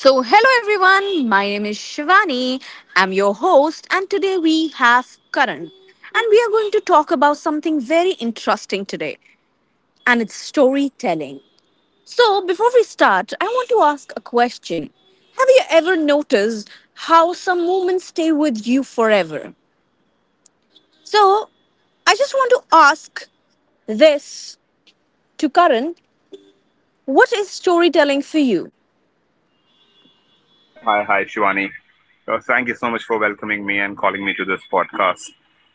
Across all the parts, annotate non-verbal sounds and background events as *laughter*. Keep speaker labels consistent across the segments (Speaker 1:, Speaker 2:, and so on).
Speaker 1: So, hello everyone, my name is Shivani, I'm your host, and today we have Karan. And we are going to talk about something very interesting today, and it's storytelling. So, before we start, I want to ask a question. Have you ever noticed how some moments stay with you forever? So, I just want to ask this to Karan, what is storytelling for you?
Speaker 2: Oh, hi, Shivani. Thank you so much for welcoming me and calling me to this podcast.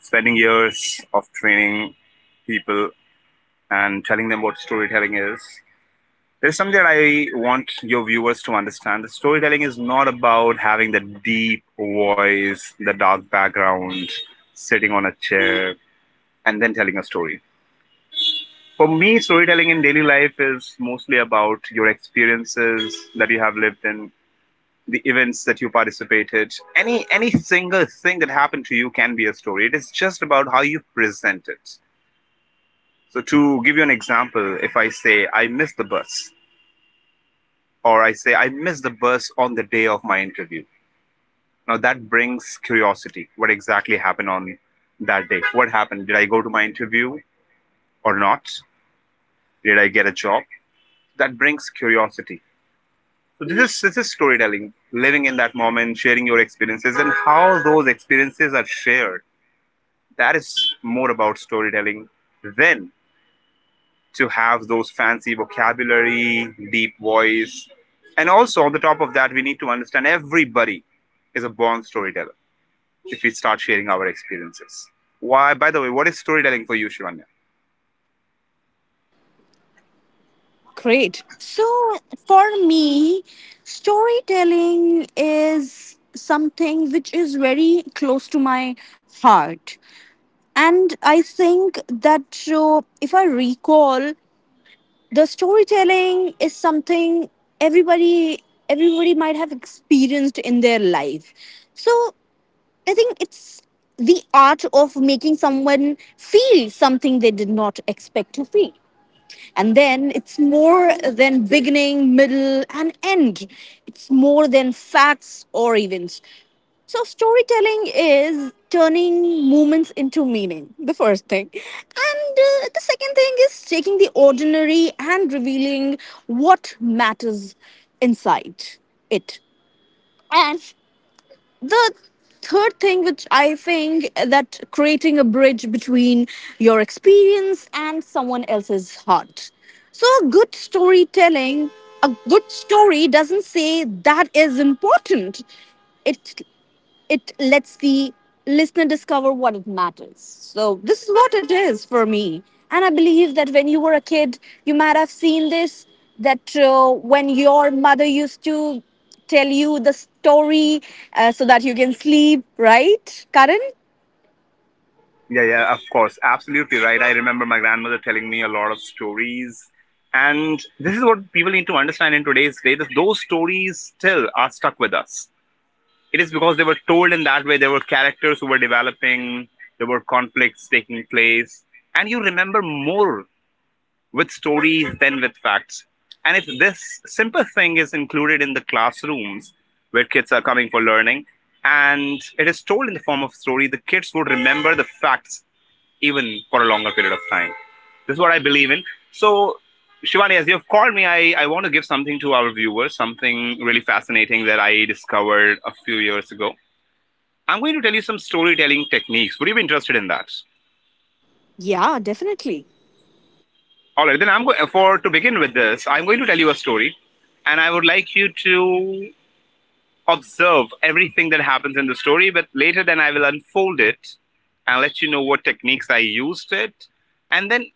Speaker 2: Spending years of training people and telling them what storytelling is. There's something that I want your viewers to understand. The storytelling is not about having the deep voice, the dark background, sitting on a chair, and then telling a story. For me, storytelling in daily life is mostly about your experiences that you have lived in, the events that you participated, any single thing that happened to you can be a story. It is just about how you present it. So to give you an example, if I say I missed the bus, or I say I missed the bus on the day of my interview, now that brings curiosity. What exactly happened on that day? What happened? Did I go to my interview or not? Did I get a job? That brings curiosity. So this is storytelling, living in that moment, sharing your experiences and how those experiences are shared. That is more about storytelling than to have those fancy vocabulary, deep voice. And also, on the top of that, we need to understand everybody is a born storyteller if we start sharing our experiences. Why, by the way, what is storytelling for you, Shivanya?
Speaker 1: Great. So, for me, storytelling is something which is very close to my heart. And I think that if I recall, the storytelling is something everybody everybody might have experienced in their life. So, I think it's the art of making someone feel something they did not expect to feel. And then it's more than beginning, middle, and end. It's more than facts or events. So, storytelling is turning moments into meaning, *laughs* the first thing. And the second thing is taking the ordinary and revealing what matters inside it. And the third thing which I think that creating a bridge between your experience and someone else's heart. So a good storytelling, a good story doesn't say that is important, it it lets the listener discover what it matters. So this is what it is for me. And I believe that when you were a kid, you might have seen this. That when your mother used to tell you the story, so that you can sleep, right, Karan?
Speaker 2: Yeah, yeah, of course. Absolutely right. I remember my grandmother telling me a lot of stories. And this is what people need to understand in today's day, that those stories still are stuck with us. It is because they were told in that way. There were characters who were developing. There were conflicts taking place, and you remember more with stories than with facts. And if this simple thing is included in the classrooms where kids are coming for learning, and it is told in the form of story, the kids would remember the facts even for a longer period of time. This is what I believe in. So, Shivani, as you have called me, I want to give something to our viewers, something really fascinating that I discovered a few years ago. I'm going to tell you some storytelling techniques. Would you be interested in that?
Speaker 1: Yeah, definitely.
Speaker 2: All right, then I'm going for to begin with this. I'm going to tell you a story, and I would like you to observe everything that happens in the story. But later, then I will unfold it and let you know what techniques I used it, and then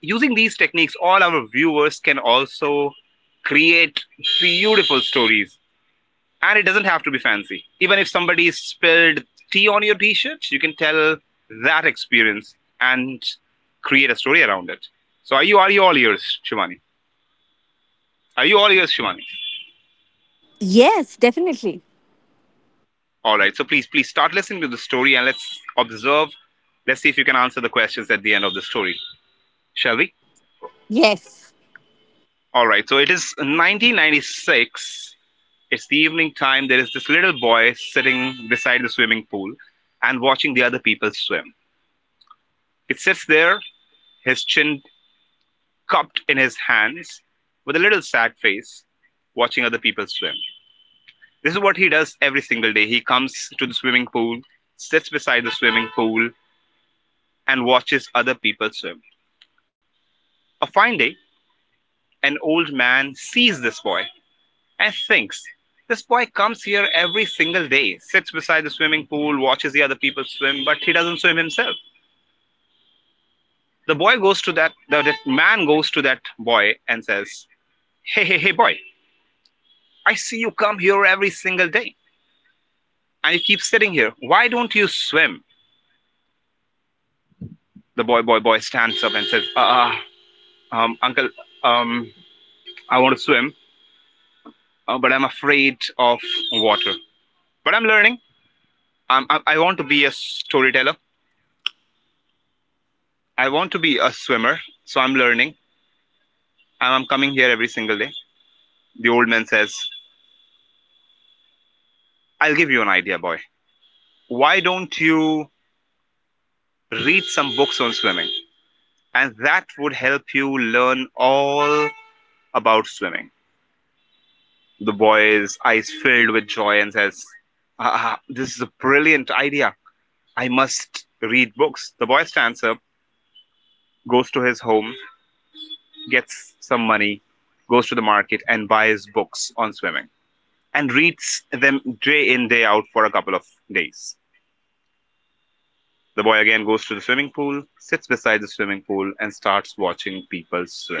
Speaker 2: using these techniques, all our viewers can also create beautiful stories. And it doesn't have to be fancy. Even if somebody spilled tea on your t shirt, you can tell that experience and create a story around it. So are you all ears, Shivani? Are you all ears, Shivani?
Speaker 1: Yes, definitely.
Speaker 2: Alright, so please start listening to the story and let's observe. Let's see if you can answer the questions at the end of the story. Shall we?
Speaker 1: Yes.
Speaker 2: Alright, so it is 1996. It's the evening time. There is this little boy sitting beside the swimming pool and watching the other people swim. It sits there, his chin cupped in his hands, with a little sad face, watching other people swim. This is what he does every single day. He comes to the swimming pool, sits beside the swimming pool, and watches other people swim. A fine day, an old man sees this boy and thinks, "This boy comes here every single day, sits beside the swimming pool, watches the other people swim, but he doesn't swim himself." The boy goes to that, the, That man goes to that boy and says, Hey, boy, I see you come here every single day and you keep sitting here. Why don't you swim?" The boy stands up and says, Uncle, um, I want to swim, but I'm afraid of water. But I'm learning. I want to be a storyteller. I want to be a swimmer. So I'm learning. And I'm coming here every single day." The old man says, "I'll give you an idea, boy. Why don't you read some books on swimming? And that would help you learn all about swimming." The boy's eyes filled with joy and says, This is a brilliant idea. I must read books." The boy stands up, goes to his home, gets some money, goes to the market, and buys books on swimming and reads them day in, day out for a couple of days. The boy again goes to the swimming pool, sits beside the swimming pool, and starts watching people swim.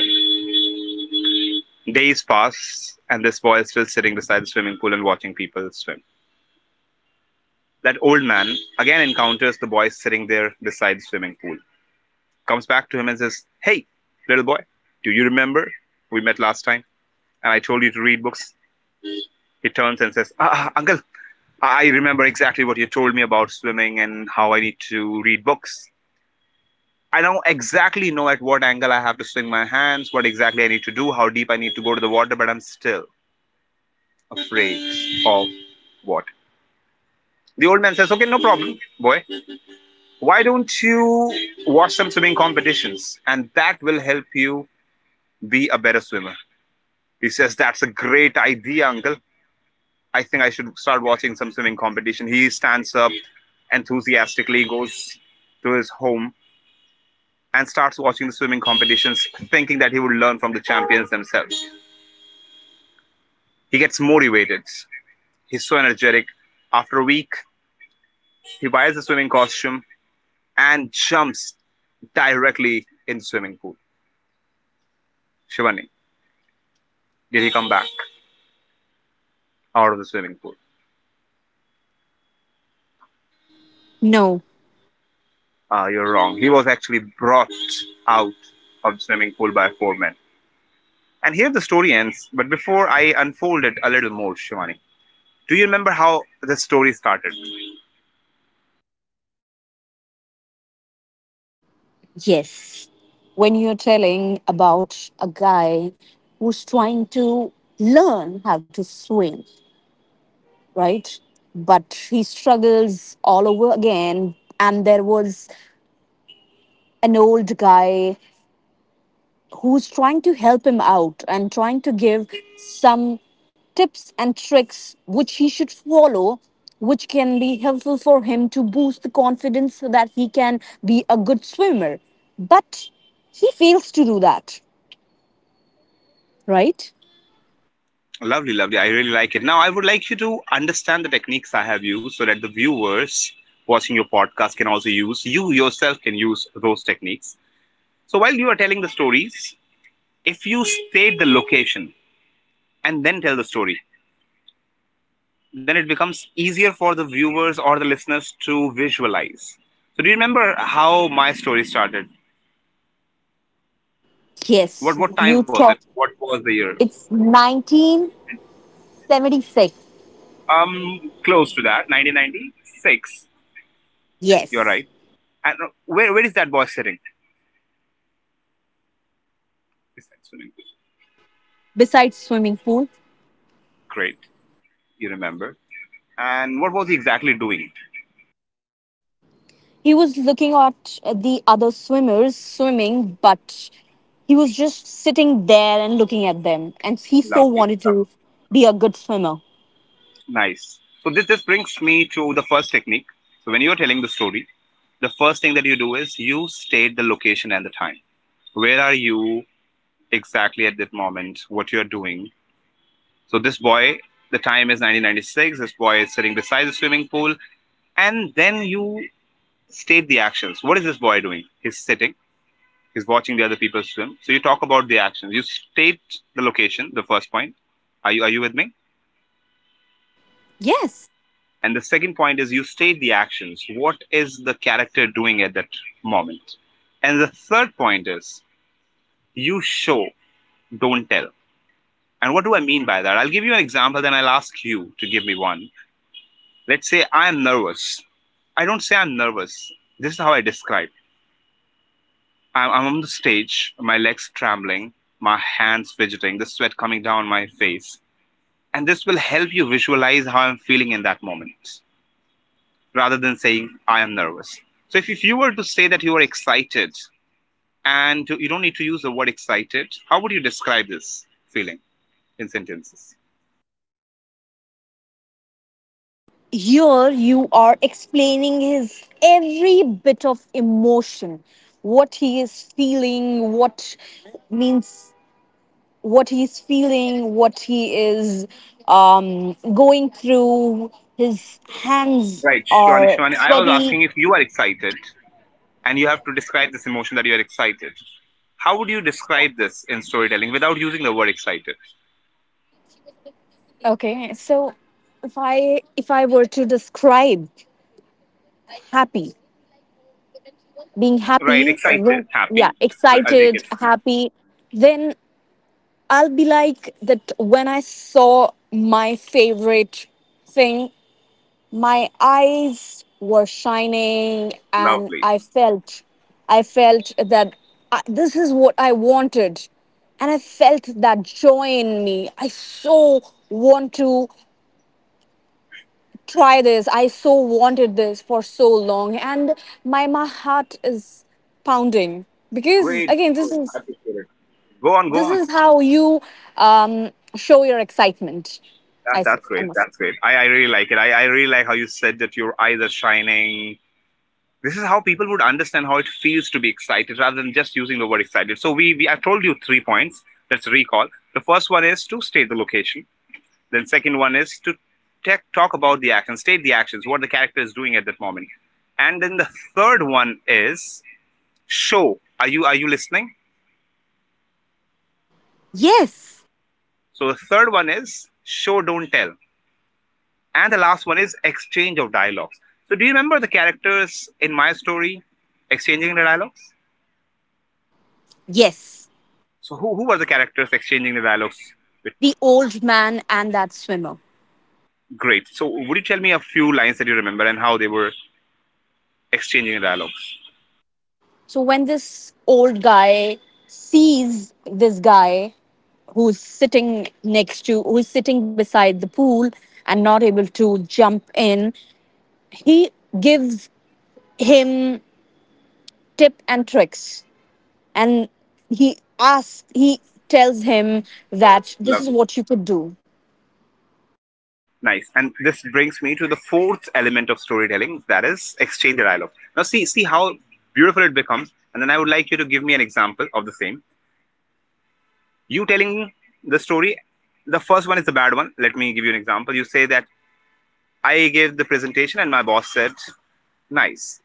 Speaker 2: Days pass, and this boy is still sitting beside the swimming pool and watching people swim. That old man again encounters the boy sitting there beside the swimming pool, comes back to him and says, "Hey, little boy, do you remember we met last time and I told you to read books?" He turns and says, Uncle, I remember exactly what you told me about swimming and how I need to read books. I now exactly know at what angle I have to swing my hands, what exactly I need to do, how deep I need to go to the water, but I'm still afraid of what?" The old man says, "Okay, no problem, boy. Why don't you watch some swimming competitions and that will help you be a better swimmer?" He says, "That's a great idea, uncle. I think I should start watching some swimming competition." He stands up enthusiastically, goes to his home and starts watching the swimming competitions, thinking that he would learn from the champions themselves. He gets motivated. He's so energetic. After a week, he buys a swimming costume and jumps directly in the swimming pool. Shivani, did he come back out of the swimming pool?
Speaker 1: No.
Speaker 2: You're wrong. He was actually brought out of the swimming pool by four men. And here the story ends. But before I unfold it a little more, Shivani, do you remember how the story started?
Speaker 1: Yes. When you're telling about a guy who's trying to learn how to swim, right? But he struggles all over again. And there was an old guy who's trying to help him out and trying to give some tips and tricks which he should follow, which can be helpful for him to boost the confidence so that he can be a good swimmer. But he fails to do that, right?
Speaker 2: Lovely, lovely. I really like it. Now, I would like you to understand the techniques I have used so that the viewers watching your podcast can also use, you yourself can use those techniques. So while you are telling the stories, if you state the location and then tell the story, then it becomes easier for the viewers or the listeners to visualize. So, do you remember how my story started? What
Speaker 1: Yes,
Speaker 2: what time
Speaker 1: you
Speaker 2: was it?
Speaker 1: talk.
Speaker 2: What was the year?
Speaker 1: It's 1976.
Speaker 2: Close to that, 1996. You're
Speaker 1: Yes.
Speaker 2: right. And where is that boy sitting? Is that swimming pool?
Speaker 1: Besides swimming pool.
Speaker 2: Great, you remember. And what was he exactly doing?
Speaker 1: He was looking at the other swimmers swimming, but he was just sitting there and looking at them. And he so
Speaker 2: Lovely,
Speaker 1: wanted
Speaker 2: lovely.
Speaker 1: to be a good swimmer.
Speaker 2: Nice. So this brings me to the first technique. So when you're telling the story, the first thing that you do is you state the location and the time. Where are you? Exactly at that moment what you're doing. So this boy, the time is 1996. This boy is sitting beside the swimming pool, and then you state the actions. What is this boy doing? He's sitting. He's watching the other people swim. So you talk about the actions. You state the location. The first point. Are you with me?
Speaker 1: Yes.
Speaker 2: And the second point is you state the actions. What is the character doing at that moment? And the third point is you show, don't tell. And what do I mean by that? I'll give you an example, then I'll ask you to give me one. Let's say I am nervous. I don't say I'm nervous. This is how I describe. I'm on the stage, my legs trembling, my hands fidgeting, the sweat coming down my face. And this will help you visualize how I'm feeling in that moment rather than saying I am nervous. So if you were to say that you are excited and you don't need to use the word excited, how would you describe this feeling in sentences?
Speaker 1: Here you are explaining his every bit of emotion, what he is feeling, means what he is feeling, what he is going through. His hands
Speaker 2: Right,
Speaker 1: are
Speaker 2: Shivani, I was
Speaker 1: sweaty.
Speaker 2: asking if you are excited and you have to describe this emotion that you are excited. How would you describe this in storytelling without using the word excited?
Speaker 1: Okay, so if I were to describe happy, being
Speaker 2: Right,
Speaker 1: happy,
Speaker 2: excited,
Speaker 1: yeah,
Speaker 2: happy. Well, I'll take
Speaker 1: excited,
Speaker 2: it.
Speaker 1: happy, then I'll be like that when I saw my favorite thing, my eyes were shining and
Speaker 2: Lovely.
Speaker 1: I felt. I felt that this is what I wanted and I felt that joy in me. I so want to try this. I so wanted this for so long, and my heart is pounding because
Speaker 2: Great.
Speaker 1: again, this is
Speaker 2: Happy spirit. Go on, go
Speaker 1: this
Speaker 2: on.
Speaker 1: is how you show your excitement.
Speaker 2: That's
Speaker 1: I
Speaker 2: great.
Speaker 1: must say.
Speaker 2: That's great. I really like it. I really like how you said that your eyes are shining. This is how people would understand how it feels to be excited rather than just using the word excited. So we I told you three points. Let's recall. The first one is to state the location. Then second one is to talk about the action, state the actions, what the character is doing at that moment. And then the third one is show. Are you listening?
Speaker 1: Yes,
Speaker 2: So the third one is show, don't tell. And the last one is exchange of dialogues. So do you remember the characters in my story exchanging the dialogues?
Speaker 1: yes,
Speaker 2: So who were the characters exchanging the dialogues with?
Speaker 1: the old man and that swimmer.
Speaker 2: Great. So would you tell me a few lines that you remember and how they were exchanging the dialogues?
Speaker 1: So when this old guy sees this guy who's sitting next to, who's sitting beside the pool and not able to jump in, he gives him tip and tricks, and he tells him that this is
Speaker 2: Lovely.
Speaker 1: what you could do.
Speaker 2: Nice. And this brings me to the fourth element of storytelling, that is exchange the dialogue. Now see how beautiful it becomes, and then I would like you to give me an example of the same. You telling the story, the first one is the bad one. Let me give you an example. You say that I gave the presentation and my boss said nice.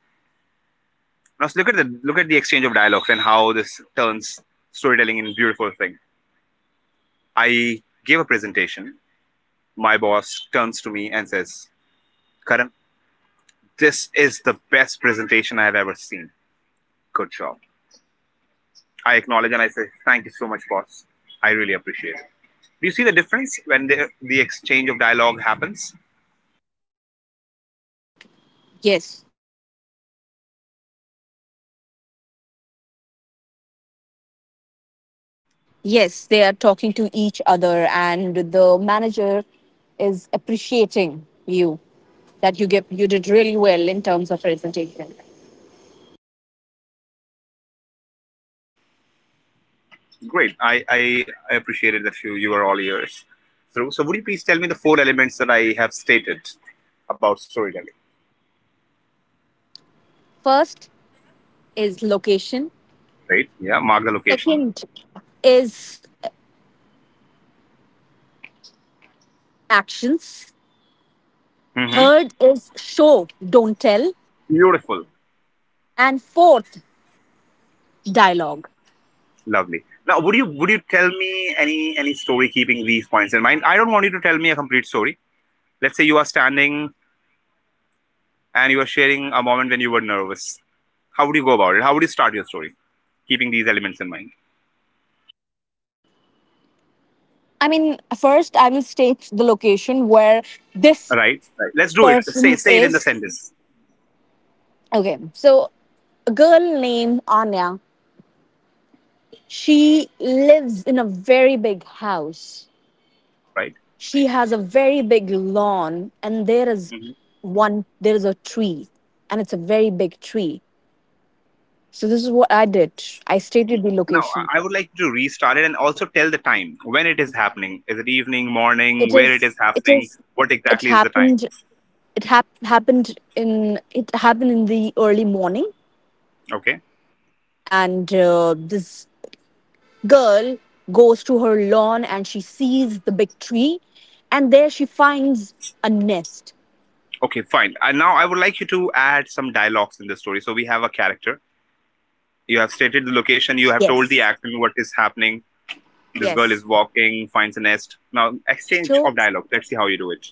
Speaker 2: Now look at the exchange of dialogues and how this turns storytelling in a beautiful thing. I gave a presentation. My boss turns to me and says, Karan, this is the best presentation I have ever seen. Good job. I acknowledge and I say thank you so much, boss. I really appreciate it. Do you see the difference when the exchange of dialogue happens?
Speaker 1: Yes, yes, they are talking to each other and the manager is appreciating you that you did really well in terms of presentation.
Speaker 2: Great. I appreciated that you were all ears. So would you please tell me the four elements that I have stated about storytelling?
Speaker 1: First is location,
Speaker 2: Right? Yeah. Mark the location.
Speaker 1: second is actions,
Speaker 2: Hmm.
Speaker 1: third is show, don't tell,
Speaker 2: Beautiful.
Speaker 1: and fourth dialogue.
Speaker 2: Lovely. Now, would you tell me any story keeping these points in mind? I don't want you to tell me a complete story. Let's say you are standing and you are sharing a moment when you were nervous. How would you go about it? How would you start your story, keeping these elements in mind?
Speaker 1: I mean, first I will state the location where this
Speaker 2: All right, right. Let's do it. Say
Speaker 1: person
Speaker 2: say it in the
Speaker 1: is.
Speaker 2: sentence.
Speaker 1: Okay, so a girl named Anya, she lives in a very big house.
Speaker 2: All right.
Speaker 1: She has a very big lawn, and there is
Speaker 2: Mhm.
Speaker 1: one, there is a tree, and it's a very big tree. So this is what I did. I stated the
Speaker 2: Now
Speaker 1: location.
Speaker 2: I would like to restart it and also tell the time when it is happening. Is it evening, morning?
Speaker 1: It
Speaker 2: Where it
Speaker 1: is,
Speaker 2: is
Speaker 1: it
Speaker 2: happening?
Speaker 1: is,
Speaker 2: What
Speaker 1: it
Speaker 2: exactly is the time?
Speaker 1: happened. It happened in the early morning,
Speaker 2: Okay.
Speaker 1: and this girl goes to her lawn and she sees the big tree, and there she finds a nest.
Speaker 2: Okay. Fine. And now I would like you to add some dialogues in the story. So we have a character. You have stated the location. You have told the
Speaker 1: Yes,
Speaker 2: action what is happening. This girl
Speaker 1: yes,
Speaker 2: is walking, finds a nest. Now exchange
Speaker 1: so
Speaker 2: of dialogue. Let's see how you do it.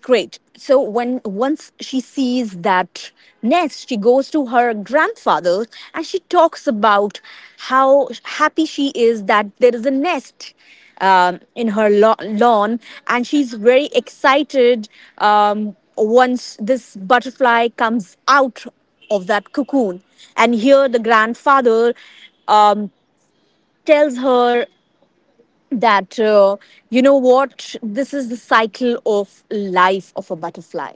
Speaker 1: great. So when once she sees that nest, she goes to her grandfather and she talks about how happy she is that there is a nest in her lawn, and she's very excited once this butterfly comes out of that cocoon. And here the grandfather um, tells her that you know what, this is the cycle of life of a butterfly.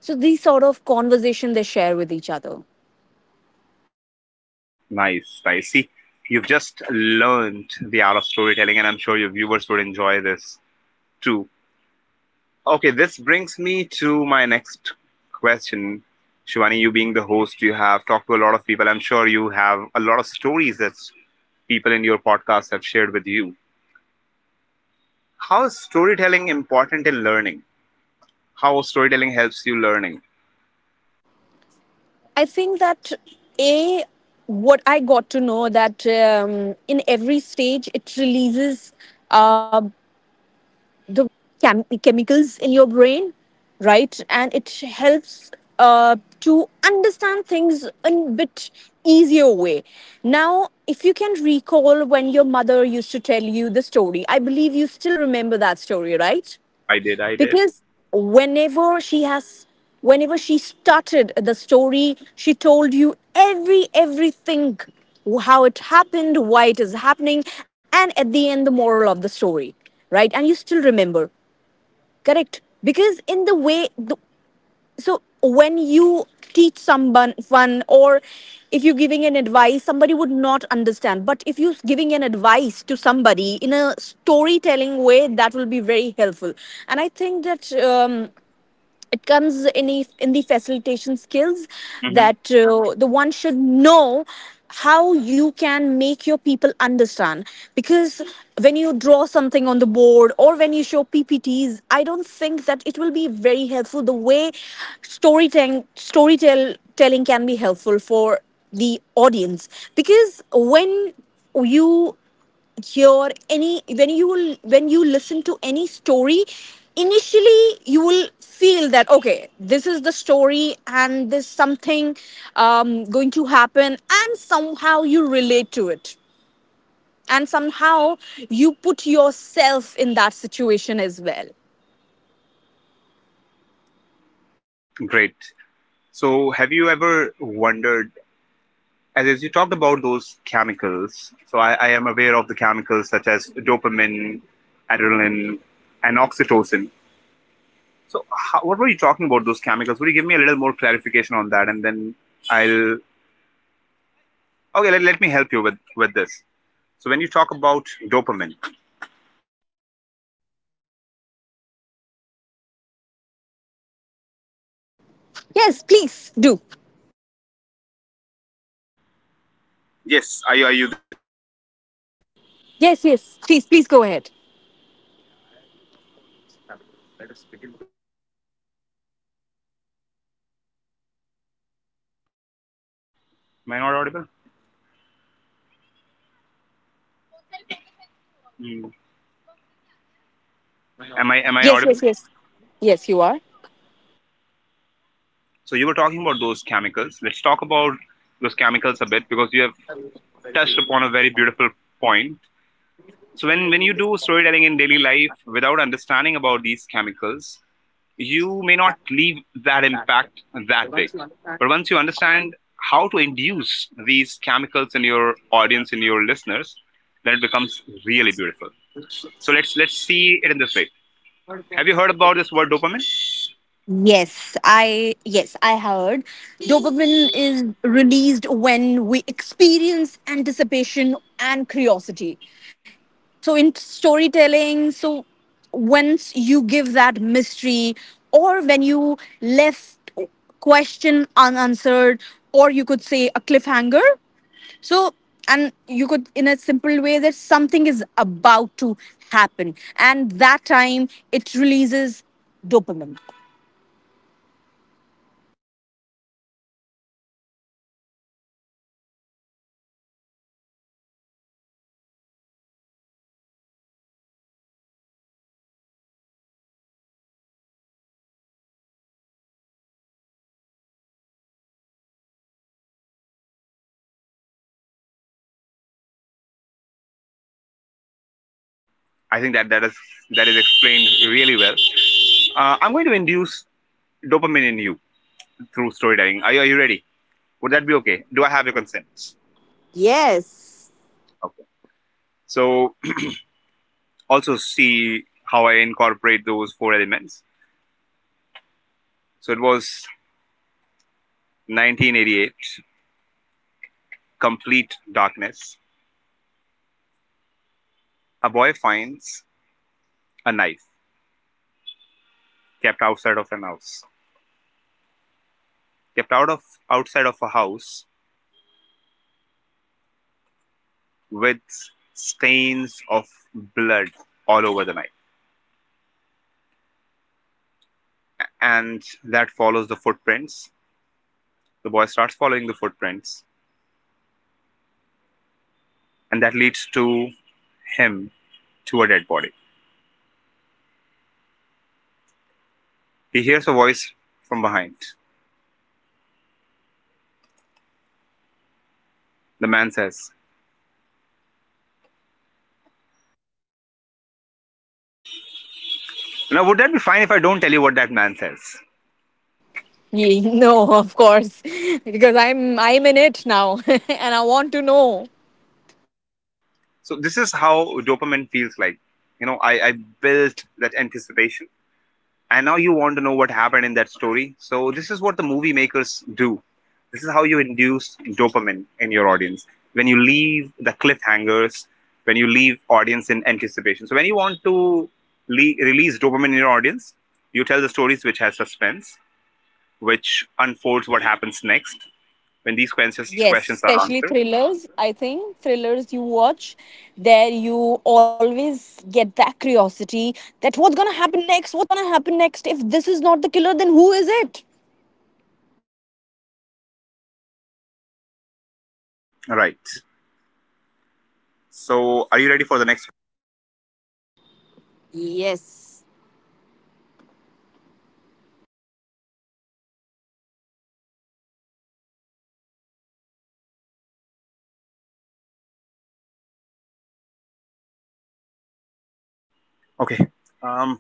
Speaker 1: So these sort of conversation they share with each other.
Speaker 2: Nice, nice. See, you've just learned the art of storytelling, and I'm sure your viewers would enjoy this too. Okay, this brings me to my next question. Shivani, you being the host, you have talked to a lot of people. I'm sure you have a lot of stories that people in your podcast have shared with you. How is storytelling important in learning? How storytelling helps you learning?
Speaker 1: I think that a what I got to know that in every stage it releases uh, the chemicals in your brain, right? And it helps to understand things in a bit easier way. Now, if you can recall when your mother used to tell you the story, I believe you still remember that story, right?
Speaker 2: I did.
Speaker 1: Because whenever she has whenever she started the story, she told you everything, how it happened, why it is happening, and at the end the moral of the story, right? And you still remember. Correct. Because in the way, so when you teach someone one or if you're giving an advice, somebody would not understand. But if you're giving an advice to somebody in a storytelling way, that will be very helpful. And I think that it comes in in the facilitation skills,
Speaker 2: Hmm.
Speaker 1: that the one should know how you can make your people understand. Because when you draw something on the board or when you show ppts, I don't think that it will be very helpful the way storytelling can be helpful for the audience. Because when you hear any, when you listen to any story, initially you will feel that okay, this is the story and there's something going to happen, and somehow you relate to it, and somehow you put yourself in that situation as well.
Speaker 2: Great. So, have you ever wondered, as you talked about those chemicals, so I am aware of the chemicals such as dopamine, adrenaline, and oxytocin. So, how, what were you talking about those chemicals? Would you give me a little more clarification on that, and then I'll okay. Let, let me help you with this. So, when you talk about dopamine,
Speaker 1: Yes, please do.
Speaker 2: yes, are you? Are you?
Speaker 1: Yes, yes, please, please go ahead.
Speaker 2: Am I not audible? Mm. Am I audible?
Speaker 1: Yes, yes, yes, yes, you are.
Speaker 2: So you were talking about those chemicals. Let's talk about those chemicals a bit because you have touched upon a very beautiful point. So when you do storytelling in daily life without understanding about these chemicals, you may not leave that impact that big. But once you understand how to induce these chemicals in your audience, in your listeners, then it becomes really beautiful. So let's see it in this way. Have you heard about this word dopamine?
Speaker 1: Yes, I, yes, I heard. Dopamine is released when we experience anticipation and curiosity. So in storytelling, so once you give that mystery or when you left question unanswered, or you could say a cliffhanger. So, and you could in a simple way that something is about to happen, and that time it releases dopamine.
Speaker 2: I think that that is explained really well. I'm going to induce dopamine in you through storytelling. Are you, are you ready? Would that be okay? Do I have your consent?
Speaker 1: Yes.
Speaker 2: Okay. So also see how I incorporate those four elements. So it was 1988, complete darkness. A boy finds a knife kept outside of an house, kept out of outside of a house with stains of blood all over the knife, and that follows the footprints. The boy starts following the footprints, and that leads to him to a dead body. He hears a voice from behind. The man says, "Now, would that be fine if I don't tell you what that man says?"
Speaker 1: Ye- *laughs* No, of course, *laughs* because I'm in it now, *laughs* and I want to know.
Speaker 2: So this is how dopamine feels like. You know, I built that anticipation. And now you want to know what happened in that story. So this is what the movie makers do. This is how you induce dopamine in your audience. When you leave the cliffhangers, when you leave audience in anticipation. So when you want to release dopamine in your audience, you tell the stories which has suspense, which unfolds what happens next, when these questions
Speaker 1: Yes,
Speaker 2: questions are
Speaker 1: especially
Speaker 2: answered.
Speaker 1: thrillers. I think thrillers you watch, there you always get that curiosity that what's gonna happen next? What's gonna happen next? If this is not the killer, then who is it?
Speaker 2: Right. So are you ready for the next?
Speaker 1: Yes,
Speaker 2: Okay. Um,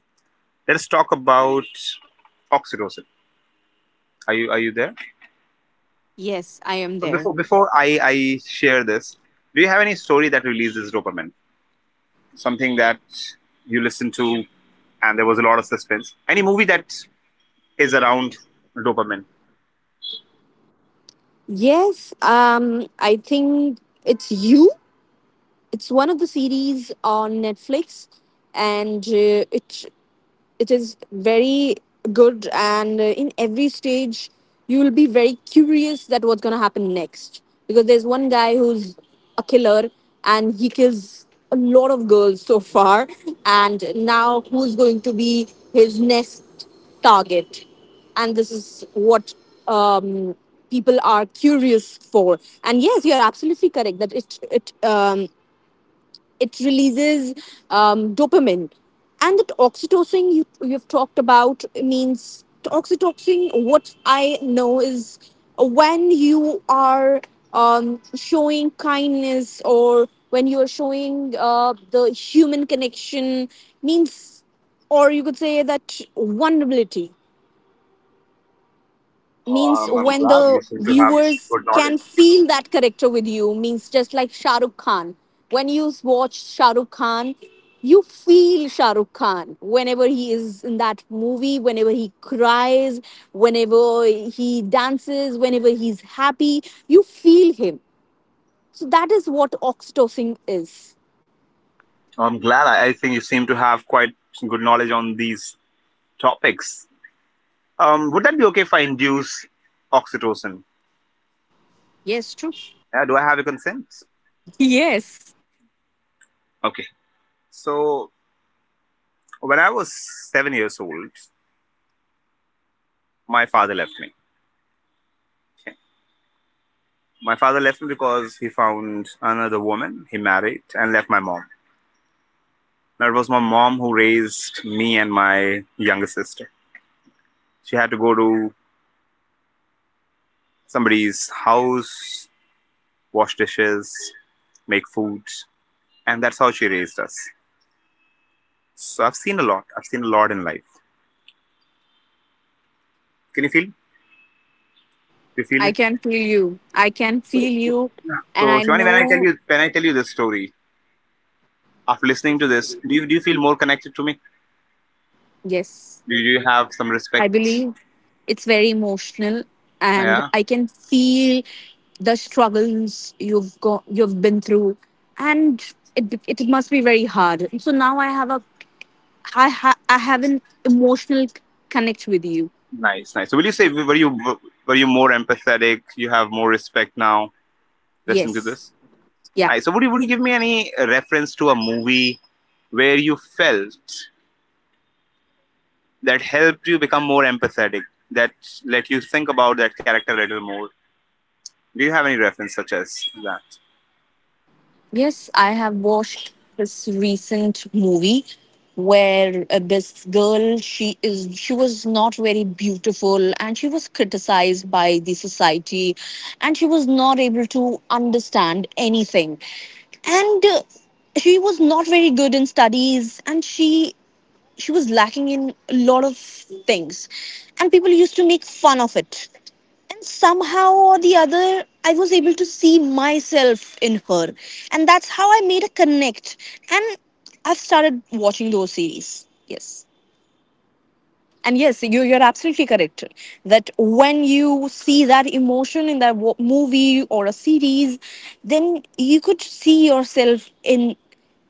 Speaker 2: let's talk about oxytocin. Are you there?
Speaker 1: yes, I am there.
Speaker 2: Before I share this, do you have any story that releases dopamine? Something that you listened to and there was a lot of suspense. Any movie that is around dopamine?
Speaker 1: Yes, I think it's you. It's one of the series on Netflix, and it is very good, and in every stage you will be very curious that what's going to happen next, because there's one guy who's a killer and he kills a lot of girls so far, and now who's going to be his next target. And this is what um, people are curious for. And yes, you're absolutely correct that it it releases dopamine. And that oxytocin you you've talked about, means oxytocin, what I know is when you are showing kindness, or when you are showing the human connection, means, or you could say that vulnerability,
Speaker 2: Oh,
Speaker 1: means
Speaker 2: I'm
Speaker 1: when
Speaker 2: glad you
Speaker 1: the
Speaker 2: seem to have
Speaker 1: viewers
Speaker 2: good knowledge.
Speaker 1: can feel that character with you, means just like Shah Rukh Khan. When you watch Shah Rukh Khan, you feel Shah Rukh Khan, whenever he is in that movie, whenever he cries, whenever he dances, whenever he's happy, you feel him. So that is what oxytocin is.
Speaker 2: I'm glad. I think you seem to have quite good knowledge on these topics. Would that be okay if I induce oxytocin?
Speaker 1: Yes, true.
Speaker 2: Yeah, do I have your consent?
Speaker 1: Yes.
Speaker 2: Okay. So when I was 7 years old, my father left me. Okay. My father left me because he found another woman, he married, and left my mom. Now, it was my mom who raised me and my younger sister. She had to go to somebody's house, wash dishes, make food, and that's how she raised us. So, I've seen a lot. I've seen a lot in life. Can you feel? Do you feel me?
Speaker 1: i can feel you i can
Speaker 2: So,
Speaker 1: feel you And
Speaker 2: so
Speaker 1: I
Speaker 2: Shivani, when I tell
Speaker 1: know.
Speaker 2: you, when I tell you this story, after listening to this, do you feel more connected to me?
Speaker 1: Yes.
Speaker 2: Do you have some
Speaker 1: I
Speaker 2: respect?
Speaker 1: believe it's very emotional, and
Speaker 2: Yeah.
Speaker 1: I can feel the struggles you've been through, and it must be very hard. So now I have a I ha- I have an emotional connect with you.
Speaker 2: Nice, nice. So will you say were you more empathetic? You have more respect now listening to
Speaker 1: Yes,
Speaker 2: this.
Speaker 1: yeah.
Speaker 2: Nice. So would you give me any reference to a movie where you felt that helped you become more empathetic, that let you think about that character a little more? Do you have any reference such as that?
Speaker 1: Yes, I have watched this recent movie where this girl, she was not very beautiful and she was criticized by the society, and she was not able to understand anything. And she was not very good in studies, and she was lacking in a lot of things, and people used to make fun of it. And somehow or the other, I was able to see myself in her, and that's how I made a connect. And I've started watching those series. Yes. And yes, you, you're absolutely correct that when you see that emotion in that movie or a series, then you could see yourself in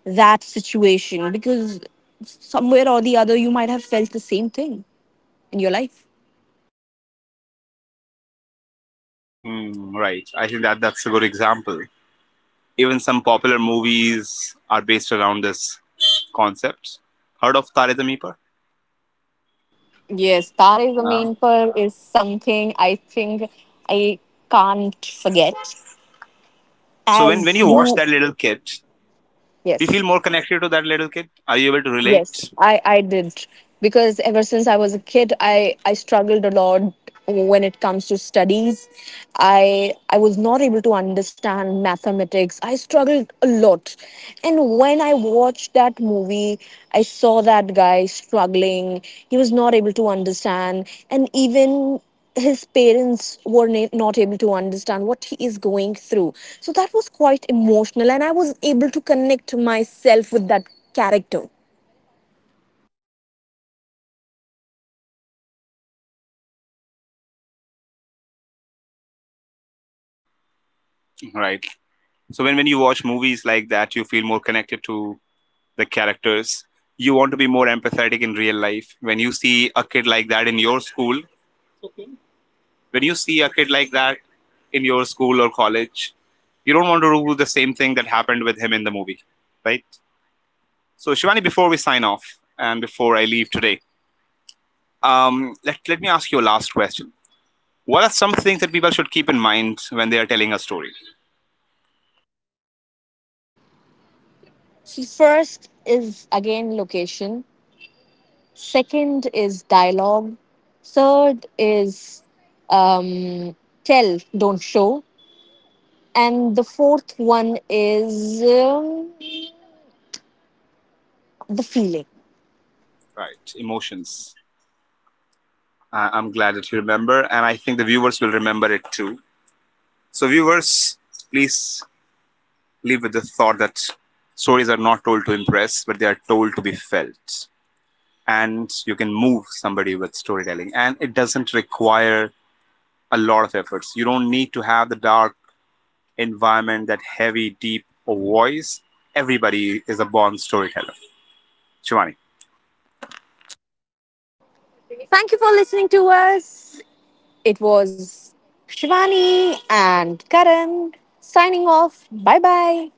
Speaker 1: that situation, because somewhere or the other you might have felt the same thing in your life.
Speaker 2: Mm, right. I think that that's a good example. Even some popular movies are based around this concept. Heard of Tare Zameen Par?
Speaker 1: Yes, Tare
Speaker 2: Uh,
Speaker 1: Zameen Par is something I think I can't forget.
Speaker 2: so when
Speaker 1: As
Speaker 2: you watch
Speaker 1: you.
Speaker 2: that little kid, do you feel
Speaker 1: Yes.
Speaker 2: more connected to that little kid? Are you able to relate?
Speaker 1: Yes, I did, because ever since I was a kid, I struggled a lot when it comes to studies. I was not able to understand mathematics. I struggled a lot. And when I watched that movie, I saw that guy struggling. He was not able to understand, and even his parents were not able to understand what he is going through. So that was quite emotional, and I was able to connect myself with that character.
Speaker 2: Right. So when you watch movies like that, you feel more connected to the characters. You want to be more empathetic in real life when you see a kid like that in your school, when you see a kid like that in your school or college, you don't want to do the same thing that happened with him in the movie, right? So Shivani, before we sign off and before I leave today, let, let me ask you a last question. What are some things that people should keep in mind when they are telling a story?
Speaker 1: So, first is again location. Second is dialogue. Third is um, tell, don't show. And the fourth one is the feeling.
Speaker 2: Right. Emotions. I- I'm glad that you remember, and I think the viewers will remember it too. So, viewers, please leave with the thought that stories are not told to impress, but they are told to be felt. And you can move somebody with storytelling, and it doesn't require a lot of efforts. You don't need to have the dark environment, that heavy, deep voice. Everybody is a born storyteller. Shivani.
Speaker 1: Thank you for listening to us. It was Shivani and Karan signing off. Bye bye.